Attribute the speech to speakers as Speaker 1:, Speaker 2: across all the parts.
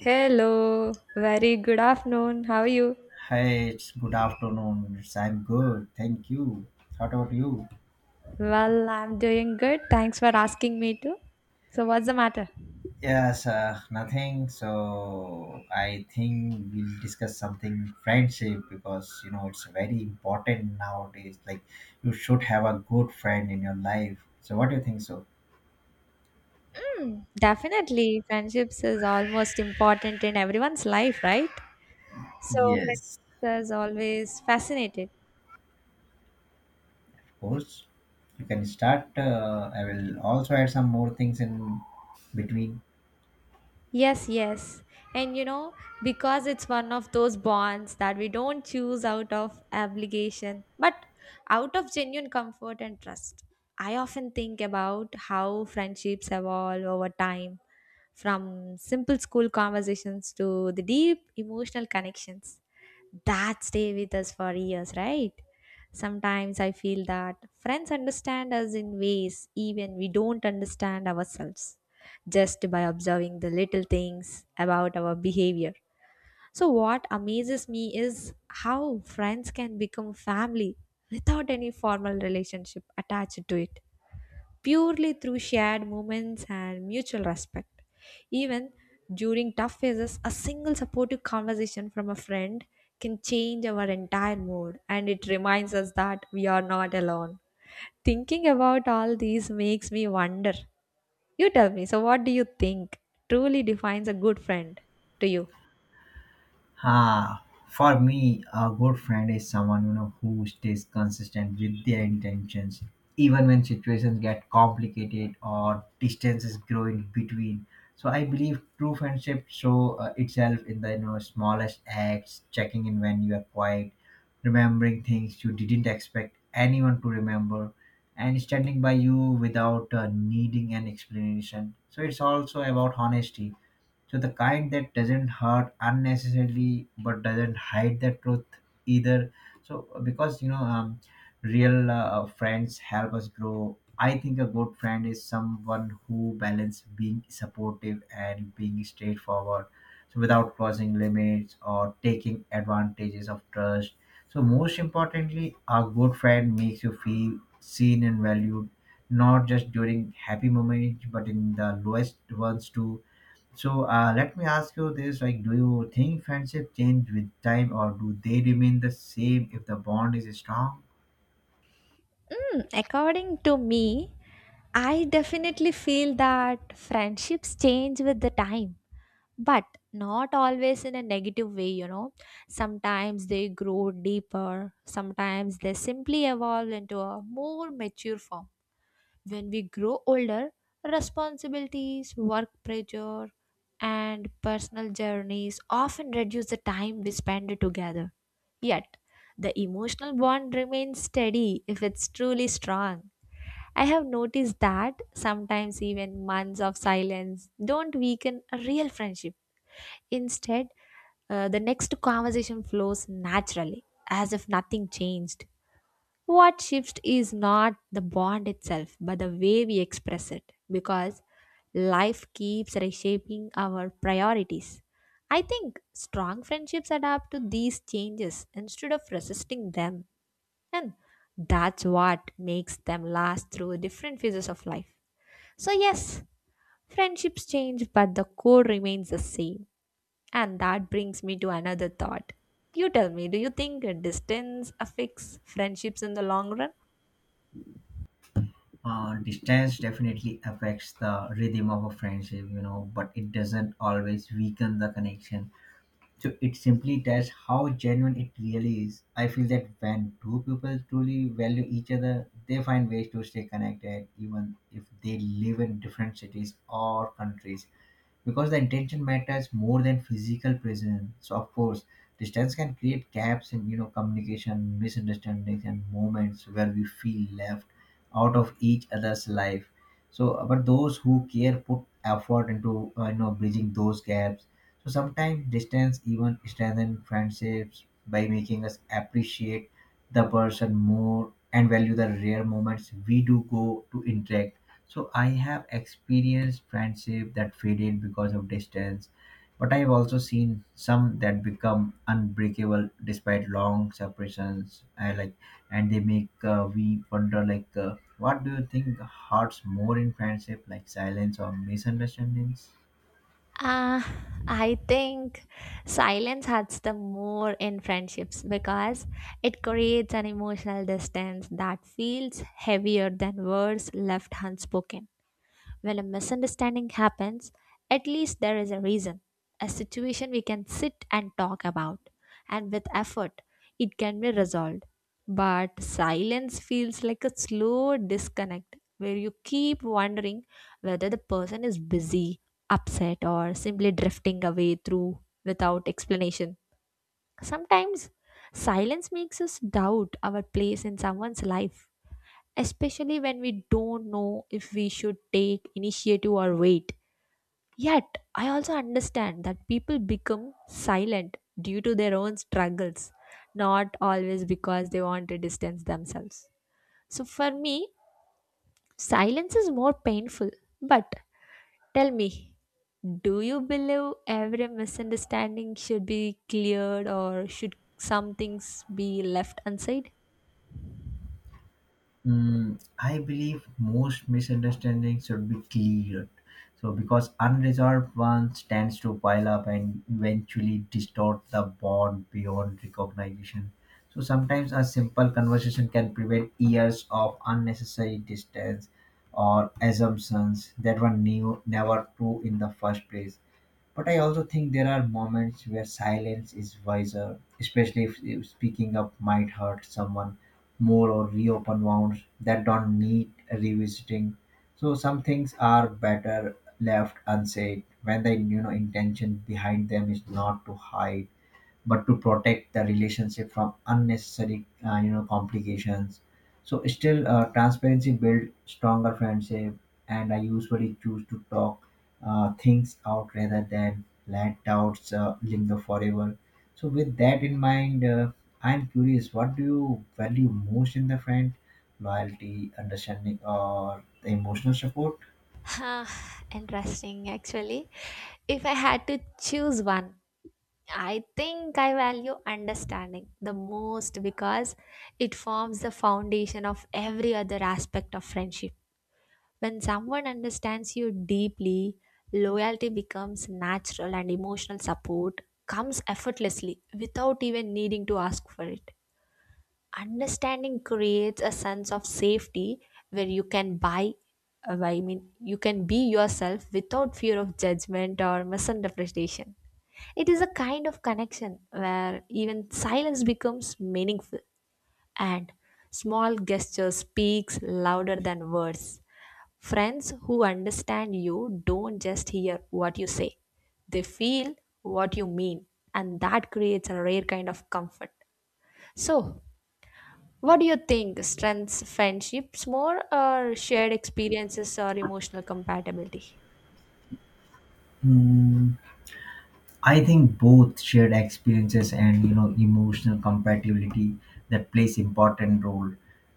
Speaker 1: Hello, very good afternoon. How are you?
Speaker 2: Hi, it's good afternoon. It's, I'm good. Thank you. What about you?
Speaker 1: Well, I'm doing good. Thanks for asking me to. So, what's the matter?
Speaker 2: Yes, nothing. So I think we'll discuss something friendship because you know it's very important nowadays. Like you should have a good friend in your life. So what do you think? So
Speaker 1: Hmm, definitely, friendships is almost important in everyone's life, right? So,
Speaker 2: yes,
Speaker 1: friendships is always fascinated.
Speaker 2: of course. You can start. I will also add some more things in between.
Speaker 1: Yes, yes. And you know, because it's one of those bonds that we don't choose out of obligation, but out of genuine comfort and trust. I often think about how friendships evolve over time from simple school conversations to the deep emotional connections that stay with us for years, right? Sometimes I feel that friends understand us in ways even we don't understand ourselves just by observing the little things about our behavior. So, what amazes me is how friends can become family without any formal relationship attached to it, purely through shared moments and mutual respect. Even during tough phases, a single supportive conversation from a friend can change our entire mood and it reminds us that we are not alone. Thinking about all these makes me wonder you tell me. So, what do you think truly defines a good friend to you?
Speaker 2: Ah, for me, a good friend is someone you know who stays consistent with their intentions, even when situations get complicated or distances grow in between. So I believe true friendship show itself in the you know smallest acts, checking in when you are quiet, remembering things you didn't expect anyone to remember, and standing by you without needing an explanation. So it's also about honesty, so the kind that doesn't hurt unnecessarily but doesn't hide the truth either. So because you know, real friends help us grow. I think a good friend is someone who balance being supportive and being straightforward, so without crossing limits or taking advantages of trust. So most importantly, a good friend makes you feel seen and valued, not just during happy moments but in the lowest ones too. So let me ask you this: like, do you think friendship change with time, or do they remain the same if the bond is strong?
Speaker 1: Mm, according to me, I definitely feel that friendships change with the time, but not always in a negative way, you know. Sometimes they grow deeper, sometimes they simply evolve into a more mature form. When we grow older, responsibilities, work pressure, and personal journeys often reduce the time we spend together. Yet, the emotional bond remains steady if it's truly strong. I have noticed that sometimes even months of silence don't weaken a real friendship. Instead, the next conversation flows naturally, as if nothing changed. What shifts is not the bond itself, but the way we express it, because life keeps reshaping our priorities. I think strong friendships adapt to these changes instead of resisting them, and that's what makes them last through different phases of life. So, yes, friendships change, but the core remains the same. And that brings me to another thought. You tell me, do you think distance affects friendships in the long run?
Speaker 2: Distance definitely affects the rhythm of a friendship, you know, but it doesn't always weaken the connection. So it simply tests how genuine it really is. I feel that when two people truly value each other, they find ways to stay connected, even if they live in different cities or countries, because the intention matters more than physical presence. So of course, distance can create gaps in you know communication, misunderstandings, and moments where we feel left out of each other's life. So, but those who care put effort into you know bridging those gaps. So sometimes distance even strengthens friendships by making us appreciate the person more and value the rare moments we do go to interact. So I have experienced friendship that faded because of distance, but I've also seen some that become unbreakable despite long separations. I like, and they make we wonder like, what do you think hurts more in friendship, like silence or misunderstandings?
Speaker 1: Uh, I think silence hurts the more in friendships because it creates an emotional distance that feels heavier than words left unspoken. When a misunderstanding happens, at least there is a reason, a situation we can sit and talk about, and with effort, it can be resolved. But silence feels like a slow disconnect where you keep wondering whether the person is busy, upset, or simply drifting away through without explanation. Sometimes silence makes us doubt our place in someone's life especially when we don't know if we should take initiative or wait. Yet, I also understand that people become silent due to their own struggles, not always because they want to distance themselves. So, for me, silence is more painful. But tell me, do you believe every misunderstanding should be cleared or should some things be left unsaid?
Speaker 2: Mm, I believe most misunderstandings should be cleared. So, because unresolved ones tends to pile up and eventually distort the bond beyond recognition. So, sometimes a simple conversation can prevent years of unnecessary distance or assumptions that were new, never true in the first place. But I also think there are moments where silence is wiser, especially if speaking up might hurt someone more or reopen wounds that don't need revisiting. So some things are better left unsaid when the you know intention behind them is not to hide but to protect the relationship from unnecessary you know complications. So still transparency build stronger friendship, and I usually choose to talk things out rather than let doubts linger forever. So with that in mind, I'm curious, what do you value most in the friend: loyalty, understanding, or the emotional support?
Speaker 1: Huh, interesting actually. If I had to choose one, I think I value understanding the most because it forms the foundation of every other aspect of friendship. When someone understands you deeply, loyalty becomes natural and emotional support comes effortlessly without even needing to ask for it. Understanding creates a sense of safety where you can buy I mean you can be yourself without fear of judgment or misinterpretation. It is a kind of connection where even silence becomes meaningful, and small gesture speaks louder than words. Friends who understand you don't just hear what you say, they feel what you mean, and that creates a rare kind of comfort. So, what do you think strengths friendships more or shared experiences or emotional compatibility?
Speaker 2: Hmm. I think both shared experiences and you know emotional compatibility that plays important role.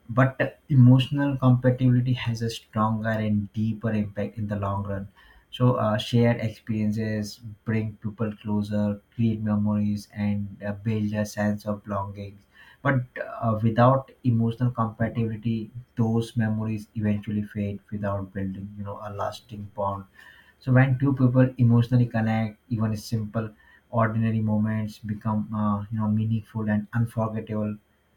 Speaker 2: But emotional compatibility has a stronger and deeper impact in the long run. So shared experiences bring people closer, create memories, and build a sense of belonging. But without emotional compatibility, those memories eventually fade without building, you know, a lasting bond. So when two people emotionally connect, even simple ordinary moments become you know meaningful and unforgettable.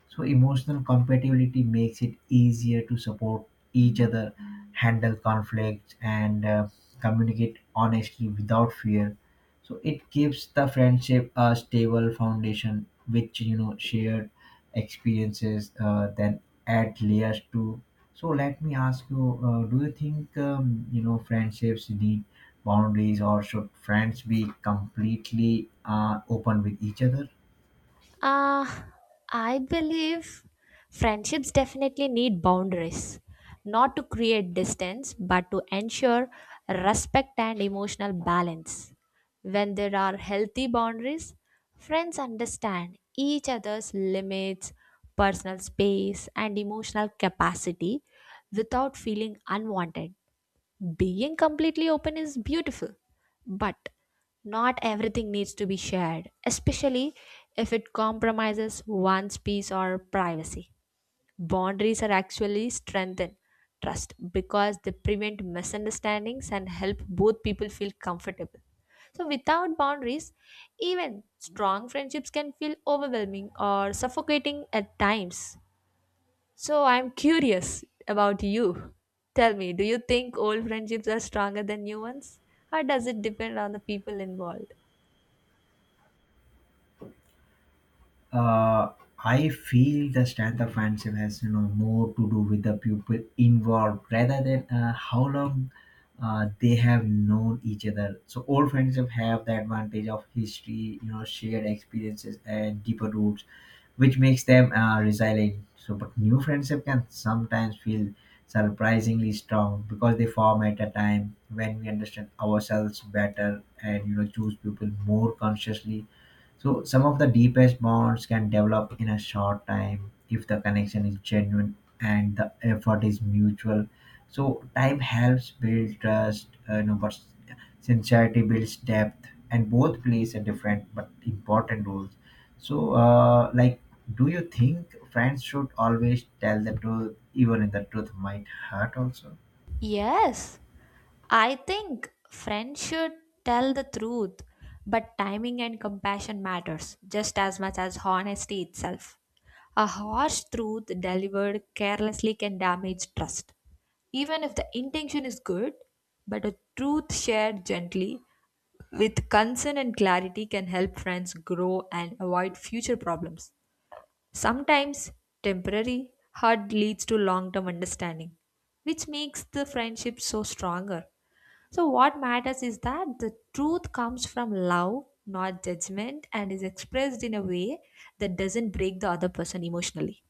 Speaker 2: So emotional compatibility makes it easier to support each other, handle conflicts, and communicate honestly without fear. So it gives the friendship a stable foundation, which you know shared experiences then add layers to. So let me ask you, do you think you know friendships need boundaries, or should friends be completely open with each other?
Speaker 1: Uh, I believe friendships definitely need boundaries, not to create distance, but to ensure respect and emotional balance. When there are healthy boundaries, friends understand each other's limits, personal space, and emotional capacity without feeling unwanted. Being completely open is beautiful, but not everything needs to be shared, especially if it compromises one's peace or privacy. Boundaries are actually strengthen trust because they prevent misunderstandings and help both people feel comfortable. So, without boundaries, even strong friendships can feel overwhelming or suffocating at times. So I'm curious about you. Tell me, do you think old friendships are stronger than new ones? Or does it depend on the people involved?
Speaker 2: uh, I feel the stand-up friendship has you know more to do with the people involved rather than how long they have known each other. So old friendship have the advantage of history, you know, shared experiences and deeper roots, which makes them resilient. So, but new friendship can sometimes feel surprisingly strong because they form at a time when we understand ourselves better and you know choose people more consciously. So some of the deepest bonds can develop in a short time if the connection is genuine and the effort is mutual. So time helps build trust, you know, but sincerity builds depth, and both plays a different but important roles. So, like, do you think friends should always tell the truth, even if the truth might hurt? Also.
Speaker 1: Yes, I think friends should tell the truth, but timing and compassion matters just as much as honesty itself. A harsh truth delivered carelessly can damage trust. Even if the intention is good, but a truth shared gently with concern and clarity can help friends grow and avoid future problems. Sometimes temporary hurt leads to long term understanding, which makes the friendship so stronger. So, what matters is that the truth comes from love, not judgment, and is expressed in a way that doesn't break the other person emotionally.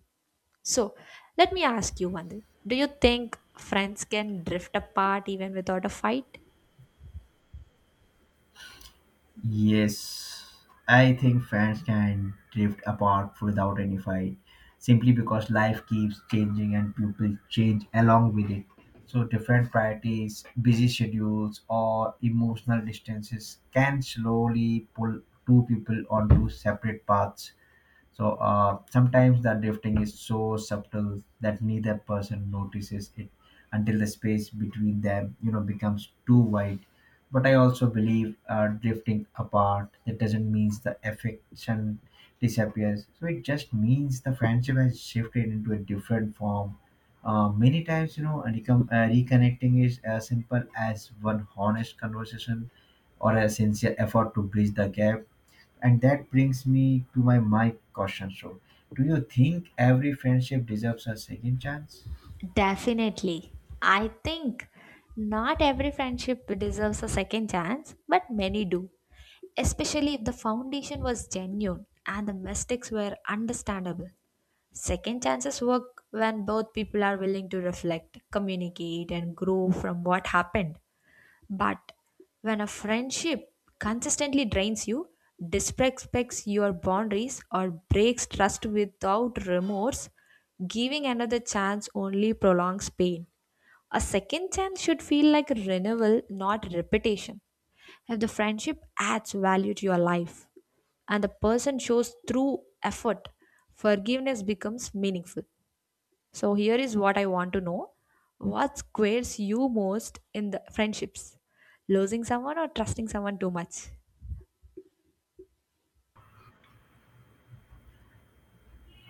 Speaker 1: So, let me ask you one thing. Do you think friends can drift apart even without a fight?
Speaker 2: Yes, I think fans can drift apart without any fight simply because life keeps changing and people change along with it. So, different priorities, busy schedules, or emotional distances can slowly pull two people onto separate paths. So sometimes the drifting is so subtle that neither person notices it until the space between them, you know, becomes too wide. But I also believe drifting apart it doesn't mean the affection disappears. So it just means the friendship has shifted into a different form. Many times, you know, reconnecting is as simple as one honest conversation or a sincere effort to bridge the gap, and that brings me to my question. So, do you think every friendship deserves a second chance?
Speaker 1: Definitely. I think not every friendship deserves a second chance, but many do, especially if the foundation was genuine and the mistakes were understandable. Second chances work when both people are willing to reflect, communicate, and grow from what happened. But when a friendship consistently drains you, disrespects your boundaries, or breaks trust without remorse, giving another chance only prolongs pain. A second chance should feel like renewal, not repetition. If the friendship adds value to your life and the person shows true effort, forgiveness becomes meaningful. So here is what I want to know. What squares you most in the friendships? Losing someone or trusting someone too much?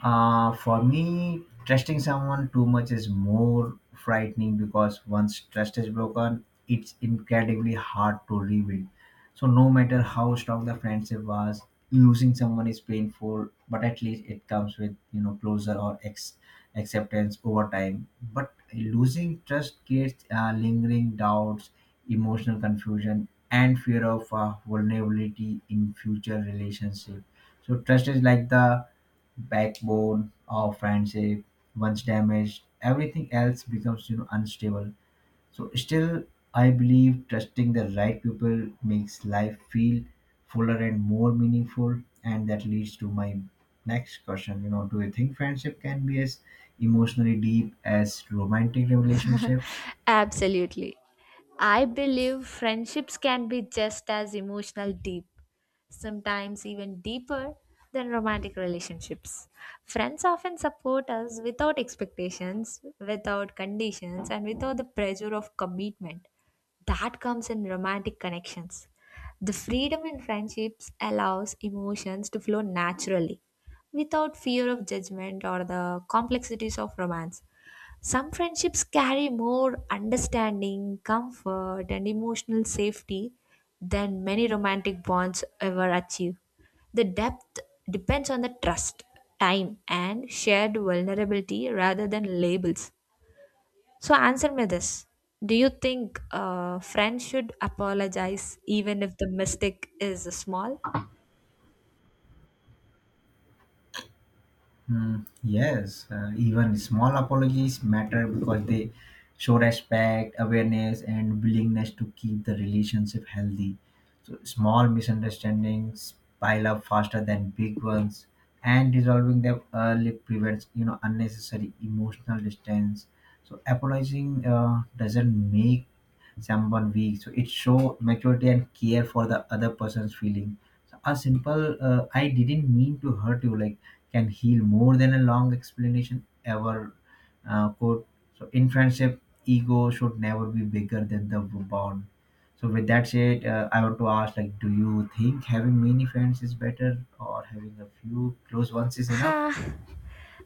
Speaker 2: For me, trusting someone too much is more frightening because once trust is broken, it's incredibly hard to rebuild. So, no matter how strong the friendship was, losing someone is painful, but at least it comes with you know closure or acceptance over time. But losing trust creates lingering doubts, emotional confusion, and fear of vulnerability in future relationships. So, trust is like the backbone of friendship. Once damaged, everything else becomes you know unstable. So still I believe trusting the right people makes life feel fuller and more meaningful, and that leads to my next question, you know, do you think friendship can be as emotionally deep as romantic relationships?
Speaker 1: Absolutely. I believe friendships can be just as emotional deep, sometimes even deeper than romantic relationships. Friends often support us without expectations, without conditions, and without the pressure of commitment that comes in romantic connections. The freedom in friendships allows emotions to flow naturally without fear of judgment or the complexities of romance. Some friendships carry more understanding, comfort, and emotional safety than many romantic bonds ever achieve. The depth depends on the trust, time, and shared vulnerability rather than labels. So, answer me this. Do you think friends should apologize even if the mistake is small?
Speaker 2: Hmm. Yes, even small apologies matter because they show respect, awareness, and willingness to keep the relationship healthy. So, small misunderstandings pile up faster than big ones, and resolving them early prevents you know unnecessary emotional distance. So, apologizing doesn't make someone weak. So, it shows maturity and care for the other person's feeling. So, a simple "I didn't mean to hurt you" like can heal more than a long explanation ever could. So in friendship, ego should never be bigger than the bond. So with that said, I want to ask, like, do you think having many friends is better or having a few close ones is
Speaker 1: Ha,
Speaker 2: enough?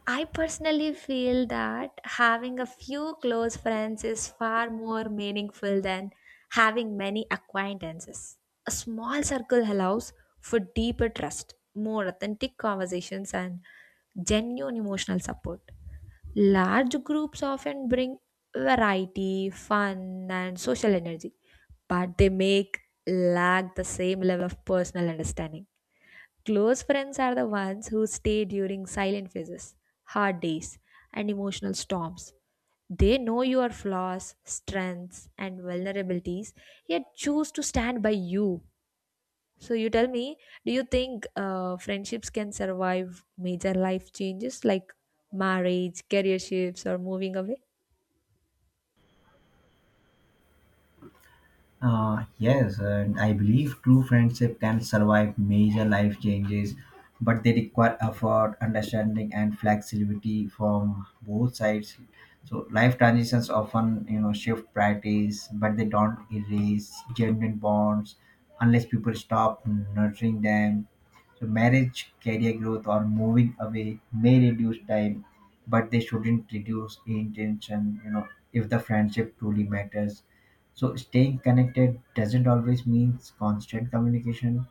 Speaker 1: I personally feel that having a few close friends is far more meaningful than having many acquaintances. A small circle allows for deeper trust, more authentic conversations, and genuine emotional support. Large groups often bring variety, fun, and social energy, but they make lack the same level of personal understanding. Close friends are the ones who stay during silent phases, hard days, and emotional storms. They know your flaws, strengths, and vulnerabilities, yet choose to stand by you. So, you tell me, do you think friendships can survive major life changes like marriage, career shifts, or moving away?
Speaker 2: Yes, and I believe true friendship can survive major life changes, but they require effort, understanding, and flexibility from both sides. So life transitions often, you know, shift priorities, but they don't erase genuine bonds unless people stop nurturing them. So marriage, career growth, or moving away may reduce time, but they shouldn't reduce intention. You know, if the friendship truly matters. So staying connected doesn't always means constant communication.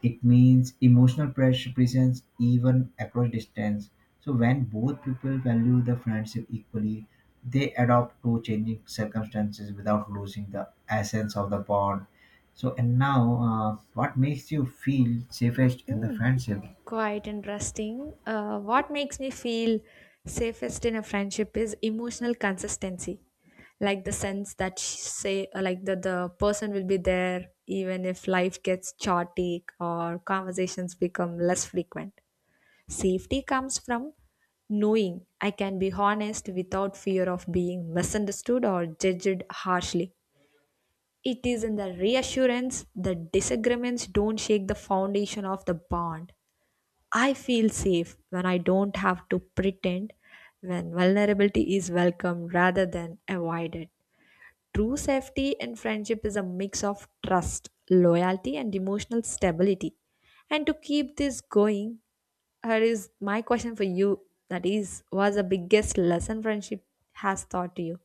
Speaker 2: It means emotional presence even across distance. So when both people value the friendship equally, they adapt to changing circumstances without losing the essence of the bond. So and now, what makes you feel safest in the
Speaker 1: Mm,
Speaker 2: friendship?
Speaker 1: quite interesting. What makes me feel safest in a friendship is emotional consistency, like the sense that sh- say like that the person will be there even if life gets chaotic or conversations become less frequent. Safety comes from knowing I can be honest without fear of being misunderstood or judged harshly. It is in the reassurance that disagreements don't shake the foundation of the bond. I feel safe when I don't have to pretend, when vulnerability is welcomed rather than avoided. True safety in friendship is a mix of trust, loyalty, and emotional stability. And to keep this going, here is my question for you, that is, what's the biggest lesson friendship has taught you?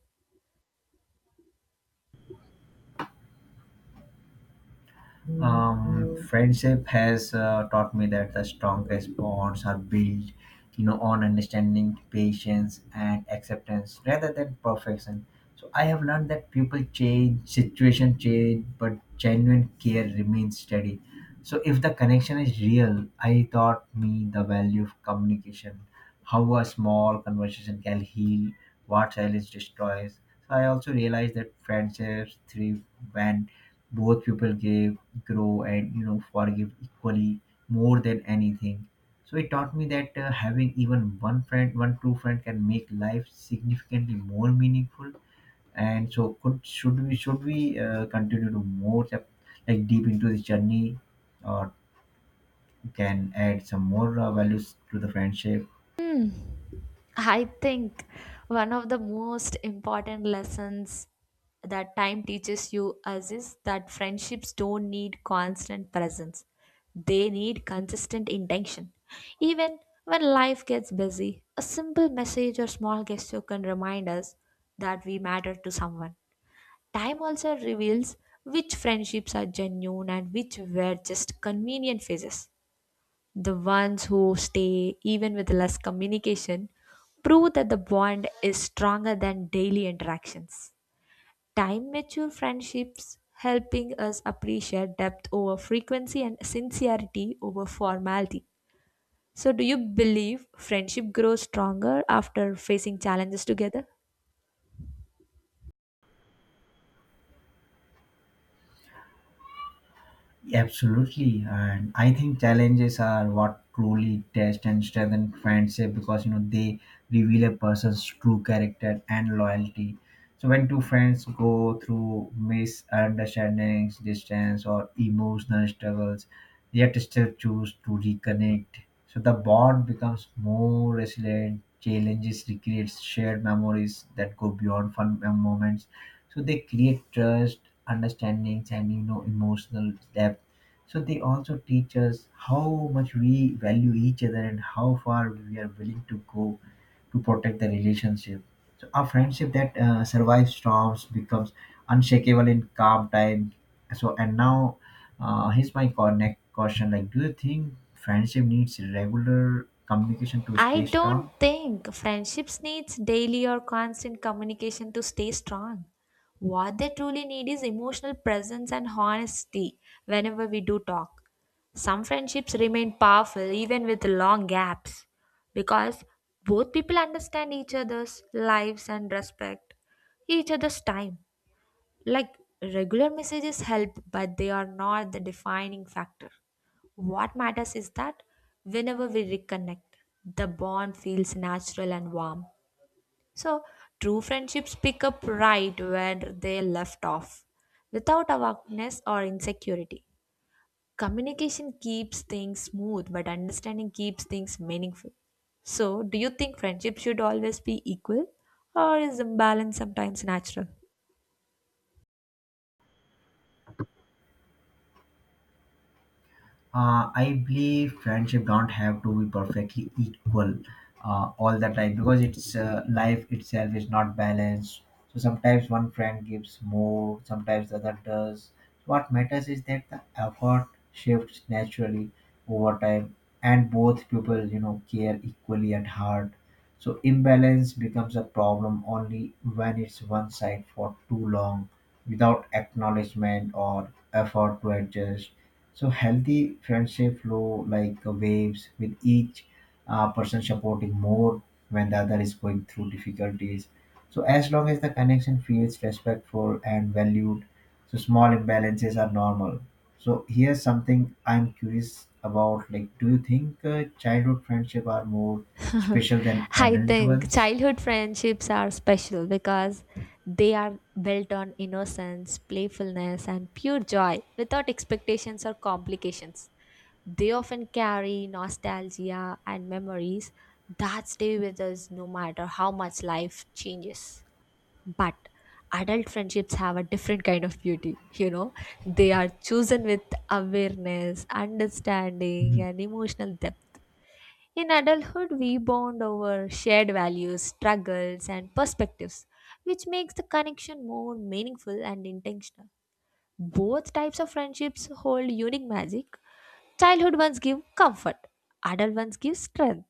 Speaker 2: Friendship has taught me that the strongest bonds are built you know on understanding, patience, and acceptance rather than perfection. So I have learned that people change, situation change, but genuine care remains steady. So if the connection is real, I taught me the value of communication, how a small conversation can heal what silence destroys. So I also realized that friendships thrive when both people give, grow, and you know forgive equally. More than anything, so it taught me that having even one friend, one true friend, can make life significantly more meaningful. And so could should we continue to more like deep into this journey, or can add some more values to the friendship?
Speaker 1: Hmm. I think one of the most important lessons that time teaches you us is that friendships don't need constant presence. They need consistent intention. Even when life gets busy, a simple message or small gesture can remind us that we matter to someone. Time also reveals which friendships are genuine and which were just convenient phases. The ones who stay, even with less communication, prove that the bond is stronger than daily interactions. Time mature friendships helping us appreciate depth over frequency and sincerity over formality. So, do you believe friendship grows stronger after facing challenges together?
Speaker 2: Absolutely, and I think challenges are what truly test and strengthen friendship because you know they reveal a person's true character and loyalty. So when two friends go through misunderstandings, distance, or emotional struggles, yet still choose to reconnect, so the bond becomes more resilient. Challenges recreates shared memories that go beyond fun moments, so they create trust, understandings, and emotional depth. So they also teach us how much we value each other and how far we are willing to go to protect the relationship. So a friendship that survives storms becomes unshakable in calm time. So and now, here's my next question. Like, do you think friendship needs regular communication to
Speaker 1: I
Speaker 2: stay
Speaker 1: don't
Speaker 2: strong?
Speaker 1: think friendships needs daily or constant communication to stay strong. What they truly need is emotional presence and honesty whenever we do talk. Some friendships remain powerful even with long gaps because both people understand each other's lives and respect each other's time. Like regular messages help, but they are not the defining factor. What matters is that whenever we reconnect, the bond feels natural and warm. So, true friendships pick up right where they left off without awareness or insecurity. Communication keeps things smooth, but understanding keeps things meaningful. So, do you think friendship should always be equal, or is imbalance sometimes natural?
Speaker 2: I believe friendship don't have to be perfectly equal all the time because it's life itself is not balanced. So sometimes one friend gives more, sometimes the other does. What matters is that the effort shifts naturally over time, and both people care equally at heart. So imbalance becomes a problem only when it's one side for too long, without acknowledgement or effort to adjust. So healthy friendship flow like waves, with each person supporting more when the other is going through difficulties. So as long as the connection feels respectful and valued, so small imbalances are normal. So here's something I'm curious about. Like, do you think childhood friendship are more special than
Speaker 1: I
Speaker 2: adult
Speaker 1: think
Speaker 2: ones?
Speaker 1: childhood friendships are special because they are built on innocence, playfulness, and pure joy without expectations or complications. They often carry nostalgia and memories that stay with us no matter how much life changes. But adult friendships have a different kind of beauty, you know? They are chosen with awareness, understanding,
Speaker 2: Mhm.
Speaker 1: and emotional depth. In adulthood, we bond over shared values, struggles, and perspectives, which makes the connection more meaningful and intentional. Both types of friendships hold unique magic. Childhood ones give comfort, adult ones give strength.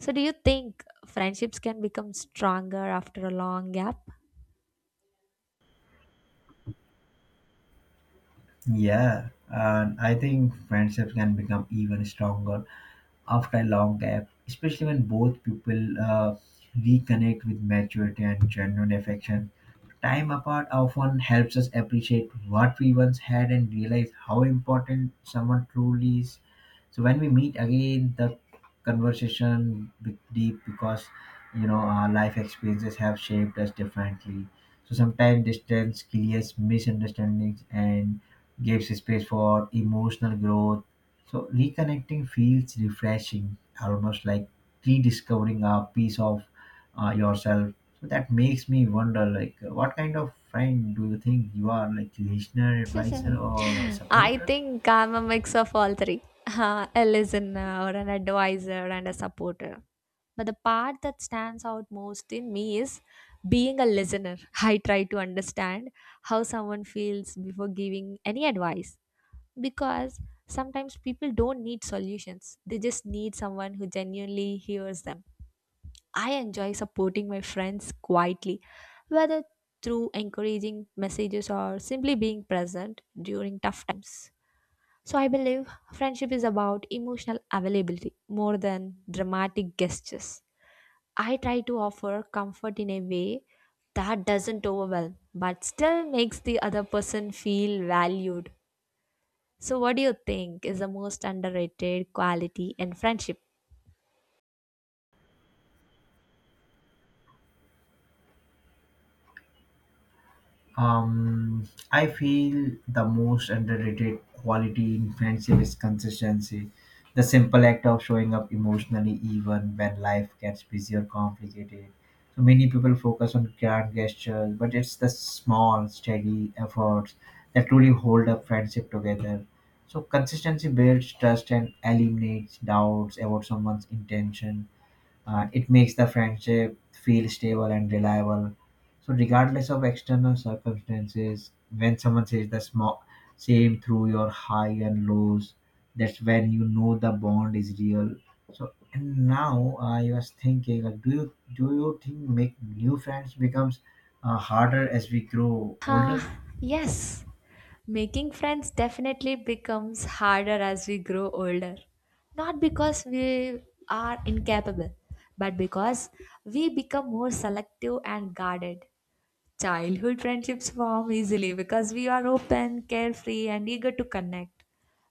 Speaker 1: So, do you think friendships can become stronger after a long gap?
Speaker 2: Yeah, and I think friendships can become even stronger after a long gap, especially when both people reconnect with maturity and genuine affection. Time apart often helps us appreciate what we once had and realize how important someone truly is. So when we meet again, the conversation be deep because our life experiences have shaped us differently. So sometimes distance clears misunderstandings and gives space for emotional growth. So reconnecting feels refreshing, almost like rediscovering a piece of yourself. So that makes me wonder, like, what kind of friend do you think you are, like listener, advisor, or a
Speaker 1: I
Speaker 2: supporter?
Speaker 1: think I'm a mix of all three a listener, an advisor, and a supporter. But the part that stands out most in me is being a listener. I try to understand how someone feels before giving any advice because sometimes people don't need solutions, they just need someone who genuinely hears them. I enjoy supporting my friends quietly, whether through encouraging messages or simply being present during tough times. So I believe friendship is about emotional availability more than dramatic gestures. I try to offer comfort in a way that doesn't overwhelm but still makes the other person feel valued. So, what do you think is the most underrated quality in friendship?
Speaker 2: I feel the most underrated quality in friendship is consistency. The simple act of showing up emotionally, even when life gets busy or complicated. So many people focus on grand gestures, but it's the small, steady efforts that truly hold up friendship together. So consistency builds trust and eliminates doubts about someone's intention. It makes the friendship feel stable and reliable. So, regardless of external circumstances, when someone says the small, same through your high and lows, that's when you know the bond is real. So, and now I was thinking, like, do you think make new friends becomes harder as we grow
Speaker 1: Huh?
Speaker 2: older?
Speaker 1: Yes. Making friends definitely becomes harder as we grow older. Not because we are incapable, but because we become more selective and guarded. Childhood friendships form easily because we are open, carefree, and eager to connect.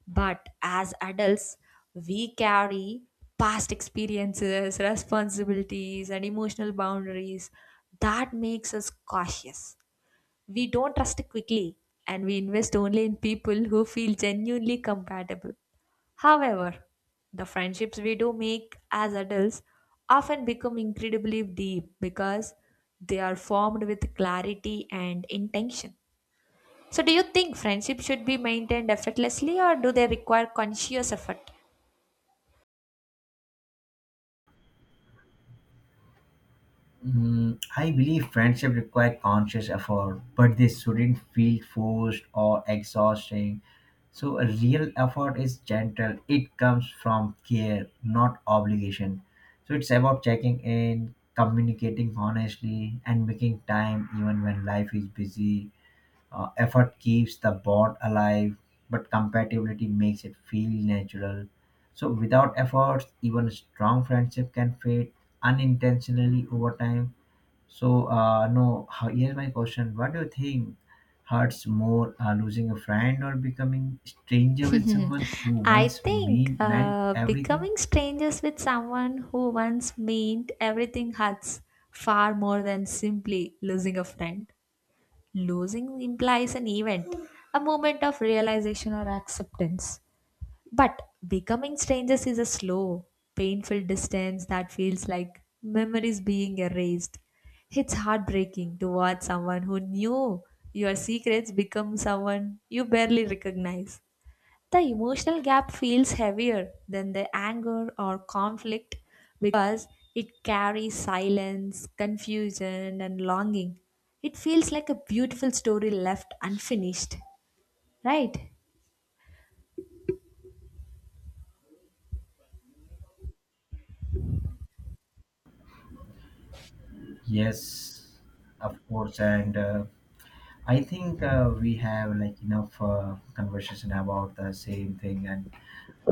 Speaker 1: But as adults, we carry past experiences, responsibilities, and emotional boundaries that makes us cautious. We don't trust quickly and we invest only in people who feel genuinely compatible. However, the friendships we do make as adults often become incredibly deep because they are formed with clarity and intention. So, do you think friendships should be maintained effortlessly or do they require conscious effort?
Speaker 2: I believe friendship require conscious effort, but they shouldn't feel forced or exhausting. So a real effort is gentle. It comes from care, not obligation. So it's about checking in, communicating honestly, and making time even when life is busy. Effort keeps the bond alive, but compatibility makes it feel natural. So without efforts, even strong friendship can fade unintentionally over time. So, no, how, here's my question. What do you think hurts more, losing a friend or becoming stranger with someone who
Speaker 1: I
Speaker 2: once
Speaker 1: think
Speaker 2: meant everything?
Speaker 1: becoming strangers with someone who once meant everything hurts far more than simply losing a friend. Losing implies an event, a moment of realization or acceptance. But becoming strangers is a slow, painful distance that feels like memories being erased. It's heartbreaking to watch someone who knew your secrets become someone you barely recognize. The emotional gap feels heavier than the anger or conflict because it carries silence, confusion, and longing. It feels like a beautiful story left unfinished, right?
Speaker 2: Yes, of course. And I think we have like enough conversation about the same thing. And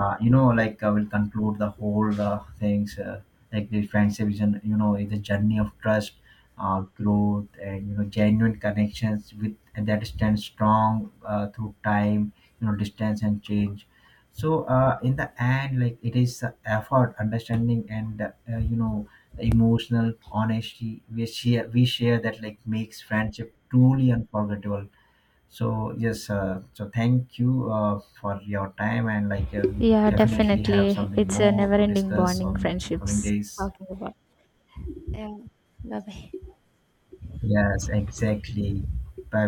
Speaker 2: you know, like I will conclude the whole things, like the friendship is an, you know, is a journey of trust, growth, and you know, genuine connections with and that stand strong through time, you know, distance and change. So in the end, like it is the effort, understanding, and you know, the emotional honesty we share that like makes friendship truly unforgettable. So yes, so thank you for your time, and like we
Speaker 1: Yeah,
Speaker 2: definitely have
Speaker 1: definitely.
Speaker 2: something
Speaker 1: It's a
Speaker 2: more
Speaker 1: never
Speaker 2: to
Speaker 1: ending
Speaker 2: discuss
Speaker 1: bonding
Speaker 2: on some coming
Speaker 1: friendships
Speaker 2: days.
Speaker 1: talking about. Yeah. Bye bye.
Speaker 2: Yes, exactly. Bye